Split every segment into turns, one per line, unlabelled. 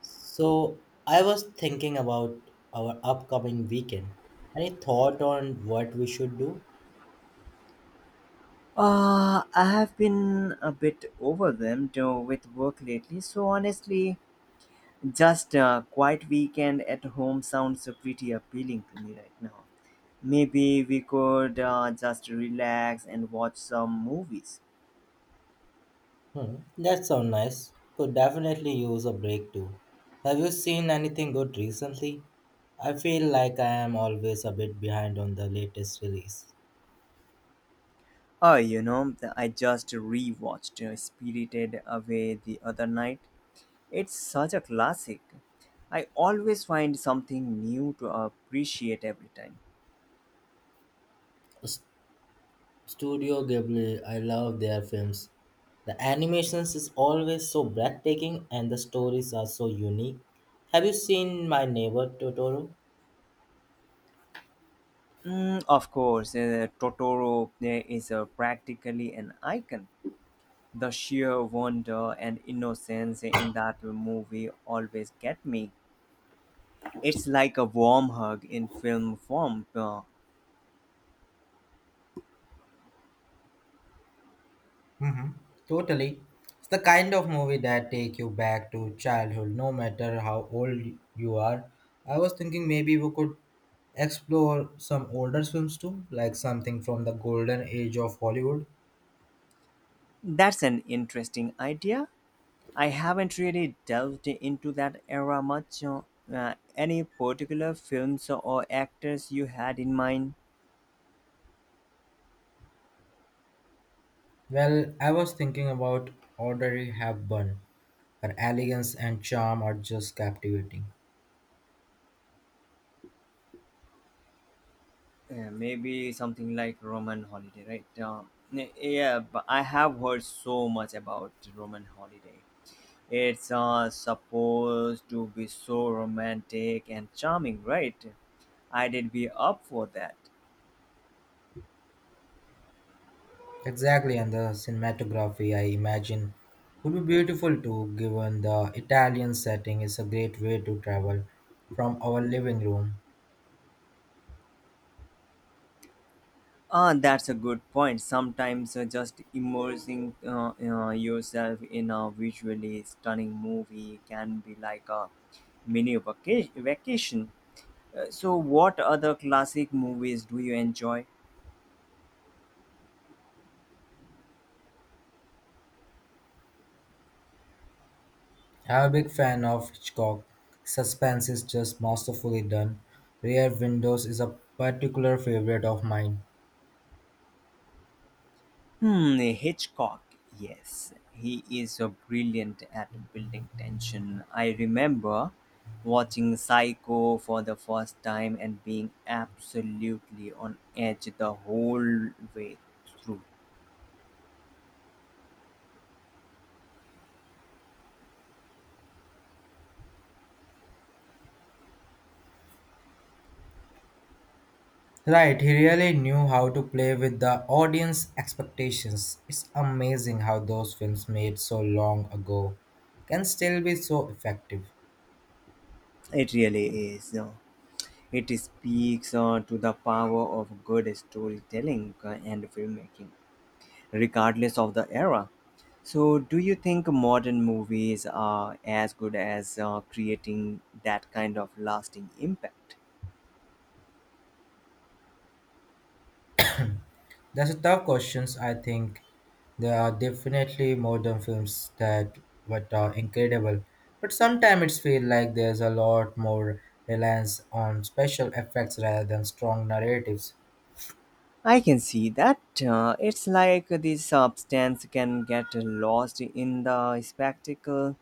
So I was thinking about our upcoming weekend. Any thought on what we should do?
I have been a bit overwhelmed with work lately, so honestly, just a quiet weekend at home sounds pretty appealing to me right now. Maybe we could just relax and watch some movies.
Hmm, that sounds nice. Could definitely use a break too. Have you seen anything good recently? I feel like I am always a bit behind on the latest release.
Oh, you know, I just rewatched Spirited Away the other night. It's such a classic. I always find something new to appreciate every time.
S- Studio Ghibli, I love their films. The animations is always so breathtaking and the stories are so unique. Have you seen My Neighbor Totoro?
Mm, of course, Totoro is practically an icon. The sheer wonder and innocence in that movie always get me. It's like a warm hug in film form.
Hmm. Totally. It's the kind of movie that take you back to childhood, no matter how old you are. I was thinking maybe we could explore some older films too, like something from the golden age of Hollywood.
That's an interesting idea. I haven't really delved into that era much. Any particular films or actors you had in mind?
Well, I was thinking about Audrey Hepburn. Her elegance and charm are just captivating.
Yeah, maybe something like Roman Holiday, right? Yeah, but I have heard so much about Roman Holiday. It's supposed to be so romantic and charming, right? I did be up for that.
Exactly, and the cinematography I imagine would be beautiful too, given the Italian setting is a great way to travel from our living room.
Ah, that's a good point. Sometimes just immersing yourself in a visually stunning movie can be like a mini vacation. So, what other classic movies do you enjoy?
I'm a big fan of Hitchcock. Suspense is just masterfully done. Rear Windows is a particular favorite of mine.
Hmm, Hitchcock, yes. He is a brilliant at building tension. I remember watching Psycho for the first time and being absolutely on edge the whole way through.
Right, he really knew how to play with the audience expectations. It's amazing how those films made so long ago can still be so effective.
It really is. It speaks to the power of good storytelling and filmmaking, regardless of the era. So, do you think modern movies are as good as creating that kind of lasting impact?
That's a tough questions. I think there are definitely modern films that what are incredible, but sometimes it's feel like there's a lot more reliance on special effects rather than strong narratives.
I can see that. It's like the substance can get lost in the spectacle.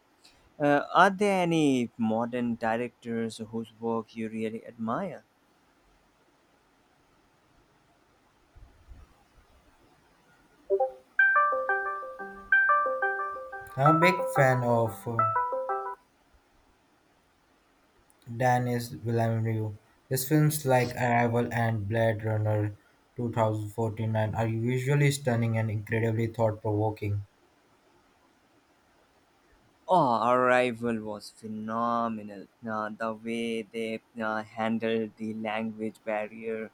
Are there any modern directors whose work you really admire?
I'm a big fan of Dennis Villeneuve. His films like Arrival and Blade Runner 2049 are usually stunning and incredibly thought-provoking.
Oh, Arrival was phenomenal. The way they handled the language barrier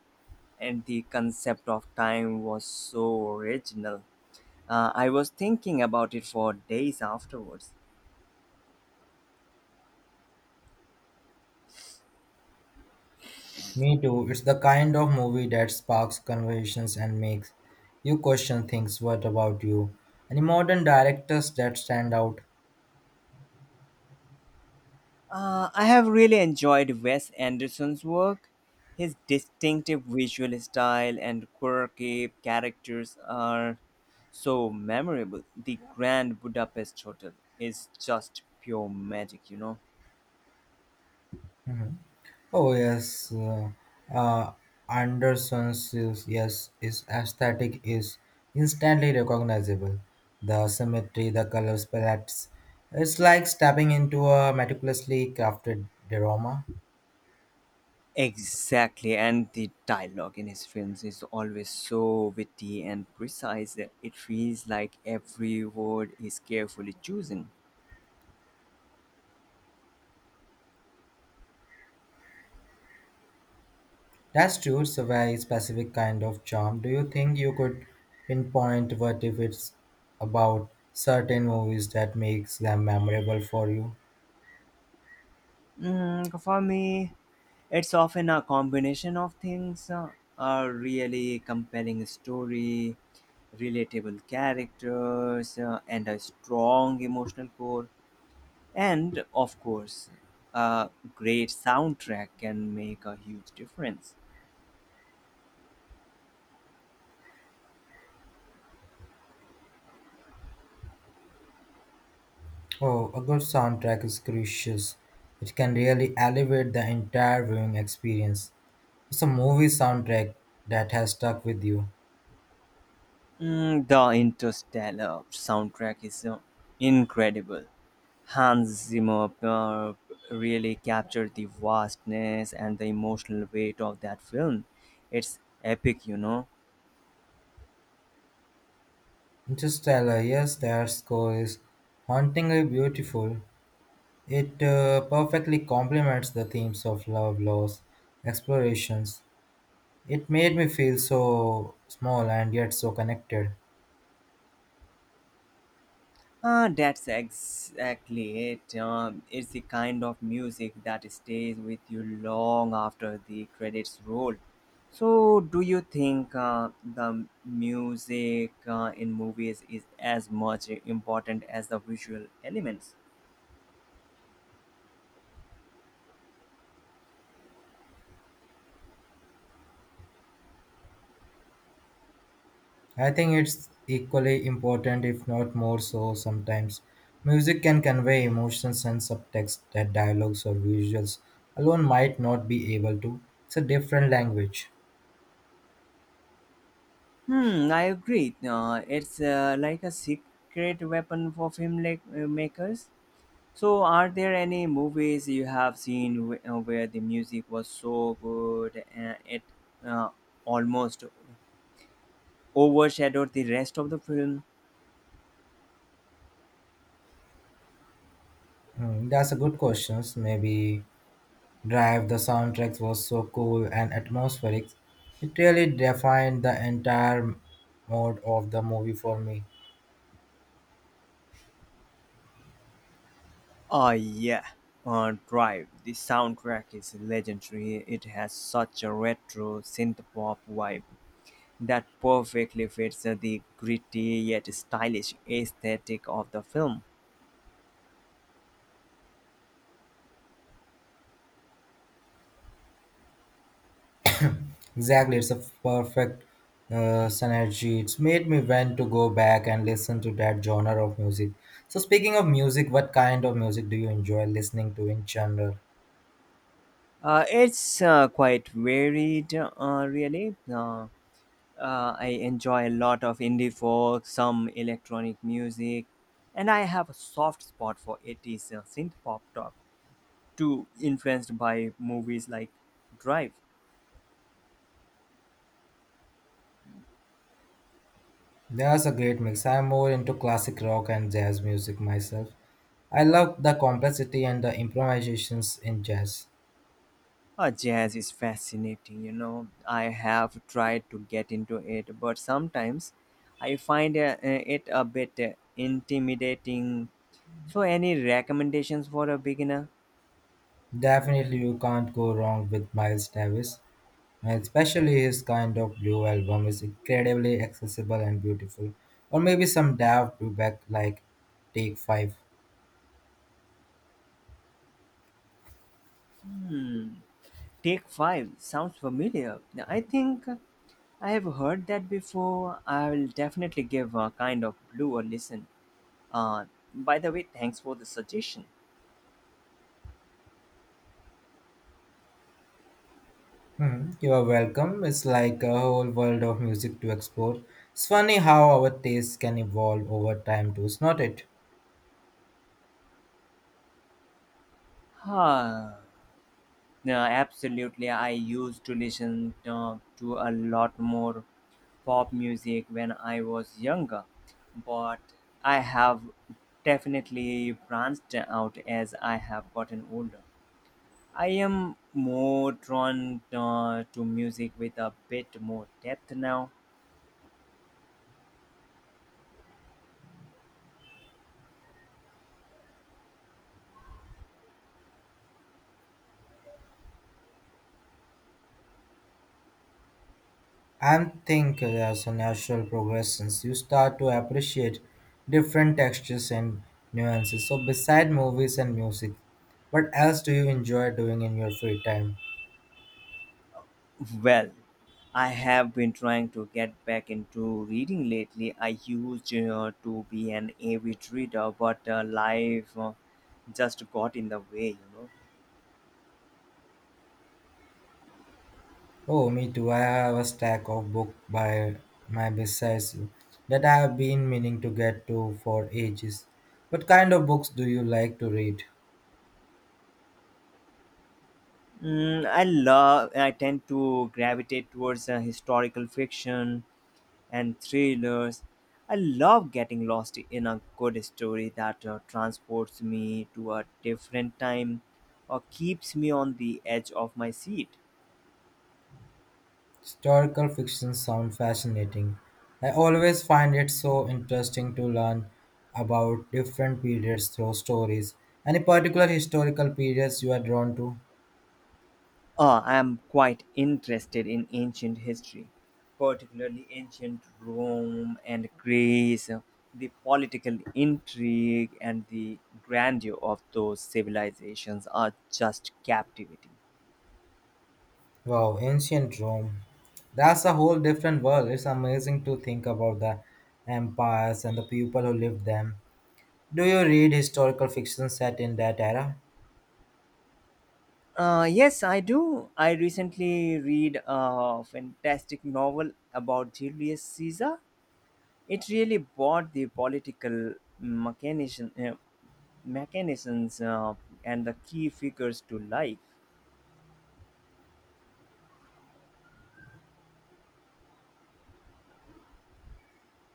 and the concept of time was so original. I was thinking about it for days afterwards.
Me too. It's the kind of movie that sparks conversations and makes you question things. What about you? Any modern directors that stand out?
I have really enjoyed Wes Anderson's work. His distinctive visual style and quirky characters are so memorable. The Grand Budapest Hotel is just pure magic, you know?
Mhm. Oh yes, uh, Anderson's yes, his aesthetic is instantly recognizable. The symmetry, the colors palettes. It's like stepping into a meticulously crafted drama.
Exactly, and the dialogue in his films is always so witty and precise. That It feels like every word is carefully chosen.
That's true, it's a very specific kind of charm. Do you think you could pinpoint what if it's about certain movies that makes them memorable for you?
Mm, for me, it's often a combination of things, a really compelling story, relatable characters, and a strong emotional core. And of course, a great soundtrack can make a huge difference.
Oh, a good soundtrack is crucial. It can really elevate the entire viewing experience. It's a movie soundtrack that has stuck with you.
Mm, the Interstellar soundtrack is incredible. Hans Zimmer really captured the vastness and the emotional weight of that film. It's epic, you know.
Interstellar, yes, their score is hauntingly beautiful. It perfectly complements the themes of love, loss, explorations. It made me feel so small and yet so connected.
Ah, that's exactly it. It's the kind of music that stays with you long after the credits roll. So, do you think the music in movies is as much important as the visual elements?
I think it's equally important, if not more so, sometimes. Music can convey emotions and subtext that dialogues or visuals alone might not be able to. It's a different language.
Hmm, I agree. It's like a secret weapon for film, like, makers. So, are there any movies you have seen where the music was so good and it uh, almost overshadowed the rest of the film?
Hmm, that's a good question. Maybe Drive, the soundtrack was so cool and atmospheric. It really defined the entire mode of the movie for me.
Oh, yeah. Drive. The soundtrack is legendary. It has such a retro synth pop vibe that perfectly fits the gritty yet stylish aesthetic of the film.
Exactly, it's a perfect synergy. It's made me want to go back and listen to that genre of music. So, speaking of music, what kind of music do you enjoy listening to in general?
It's quite varied, really. I enjoy a lot of indie folk, some electronic music, and I have a soft spot for 80s synth pop top, too influenced by movies like Drive.
That's a great mix. I'm more into classic rock and jazz music myself. I love the complexity and the improvisations in jazz.
Jazz is fascinating, you know. I have tried to get into it, but sometimes I find it a bit intimidating. So, any recommendations for a beginner?
Definitely, you can't go wrong with Miles Davis, and especially his kind of blue album is incredibly accessible and beautiful. Or maybe some Daft back like Take 5.
Hmm. Take Five sounds familiar. I think I have heard that before. I will definitely give a kind of blue a listen. Uh, by the way, thanks for the suggestion.
Hmm, you are welcome. It's like a whole world of music to explore. It's funny how our tastes can evolve over time, too, is not it?
Huh. No, absolutely. I used to listen to a lot more pop music when I was younger, but I have definitely branched out as I have gotten older. I am more drawn to music with a bit more depth now.
And think as a natural progression, you start to appreciate different textures and nuances. So beside movies and music, what else do you enjoy doing in your free time?
Well, I have been trying to get back into reading lately. I used to be an avid reader, but life just got in the way, you know.
Oh, me too. I have a stack of book by my besides you that I have been meaning to get to for ages. What kind of books do you like to read?
Mm, I love. I tend to gravitate towards historical fiction and thrillers. I love getting lost in a good story that transports me to a different time or keeps me on the edge of my seat.
Historical fiction sounds fascinating. I always find it so interesting to learn about different periods through stories. Any particular historical periods you are drawn to?
I am quite interested in ancient history, particularly ancient Rome and Greece. The political intrigue and the grandeur of those civilizations are just captivating.
Wow, ancient Rome. That's a whole different world. It's amazing to think about the empires and the people who lived them. Do you read historical fiction set in that era?
Yes, I do. I recently read a fantastic novel about Julius Caesar. It really brought the political mechanician, uh, mechanisms and the key figures to life.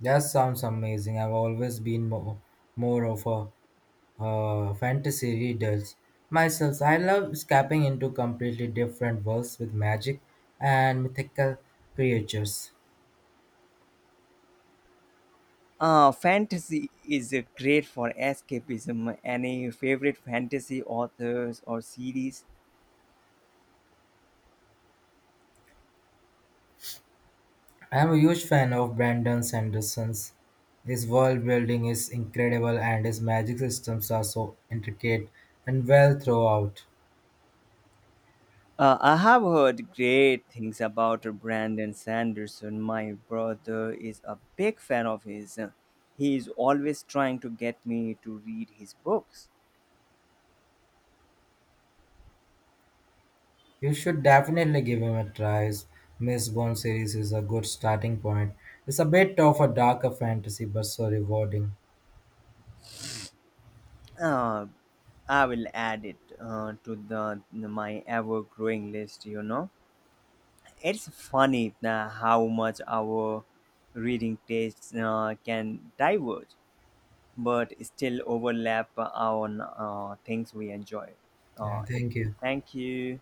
That sounds amazing. I've always been more of a fantasy readers myself. I love escaping into completely different worlds with magic and mythical creatures.
Fantasy is great for escapism. Any favorite fantasy authors or series?
I'm a huge fan of Brandon Sanderson's. His world building is incredible and his magic systems are so intricate and well throughout.
I have heard great things about Brandon Sanderson. My brother is a big fan of his. He is always trying to get me to read his books.
You should definitely give him a try. Miss Bond series is a good starting point. It's a bit of a darker fantasy, but so rewarding.
Uh, I will add it to the my ever-growing list. You know, it's funny how much our reading tastes can diverge, but still overlap on things we enjoy.
Yeah,
It.
thank you.
Thank you.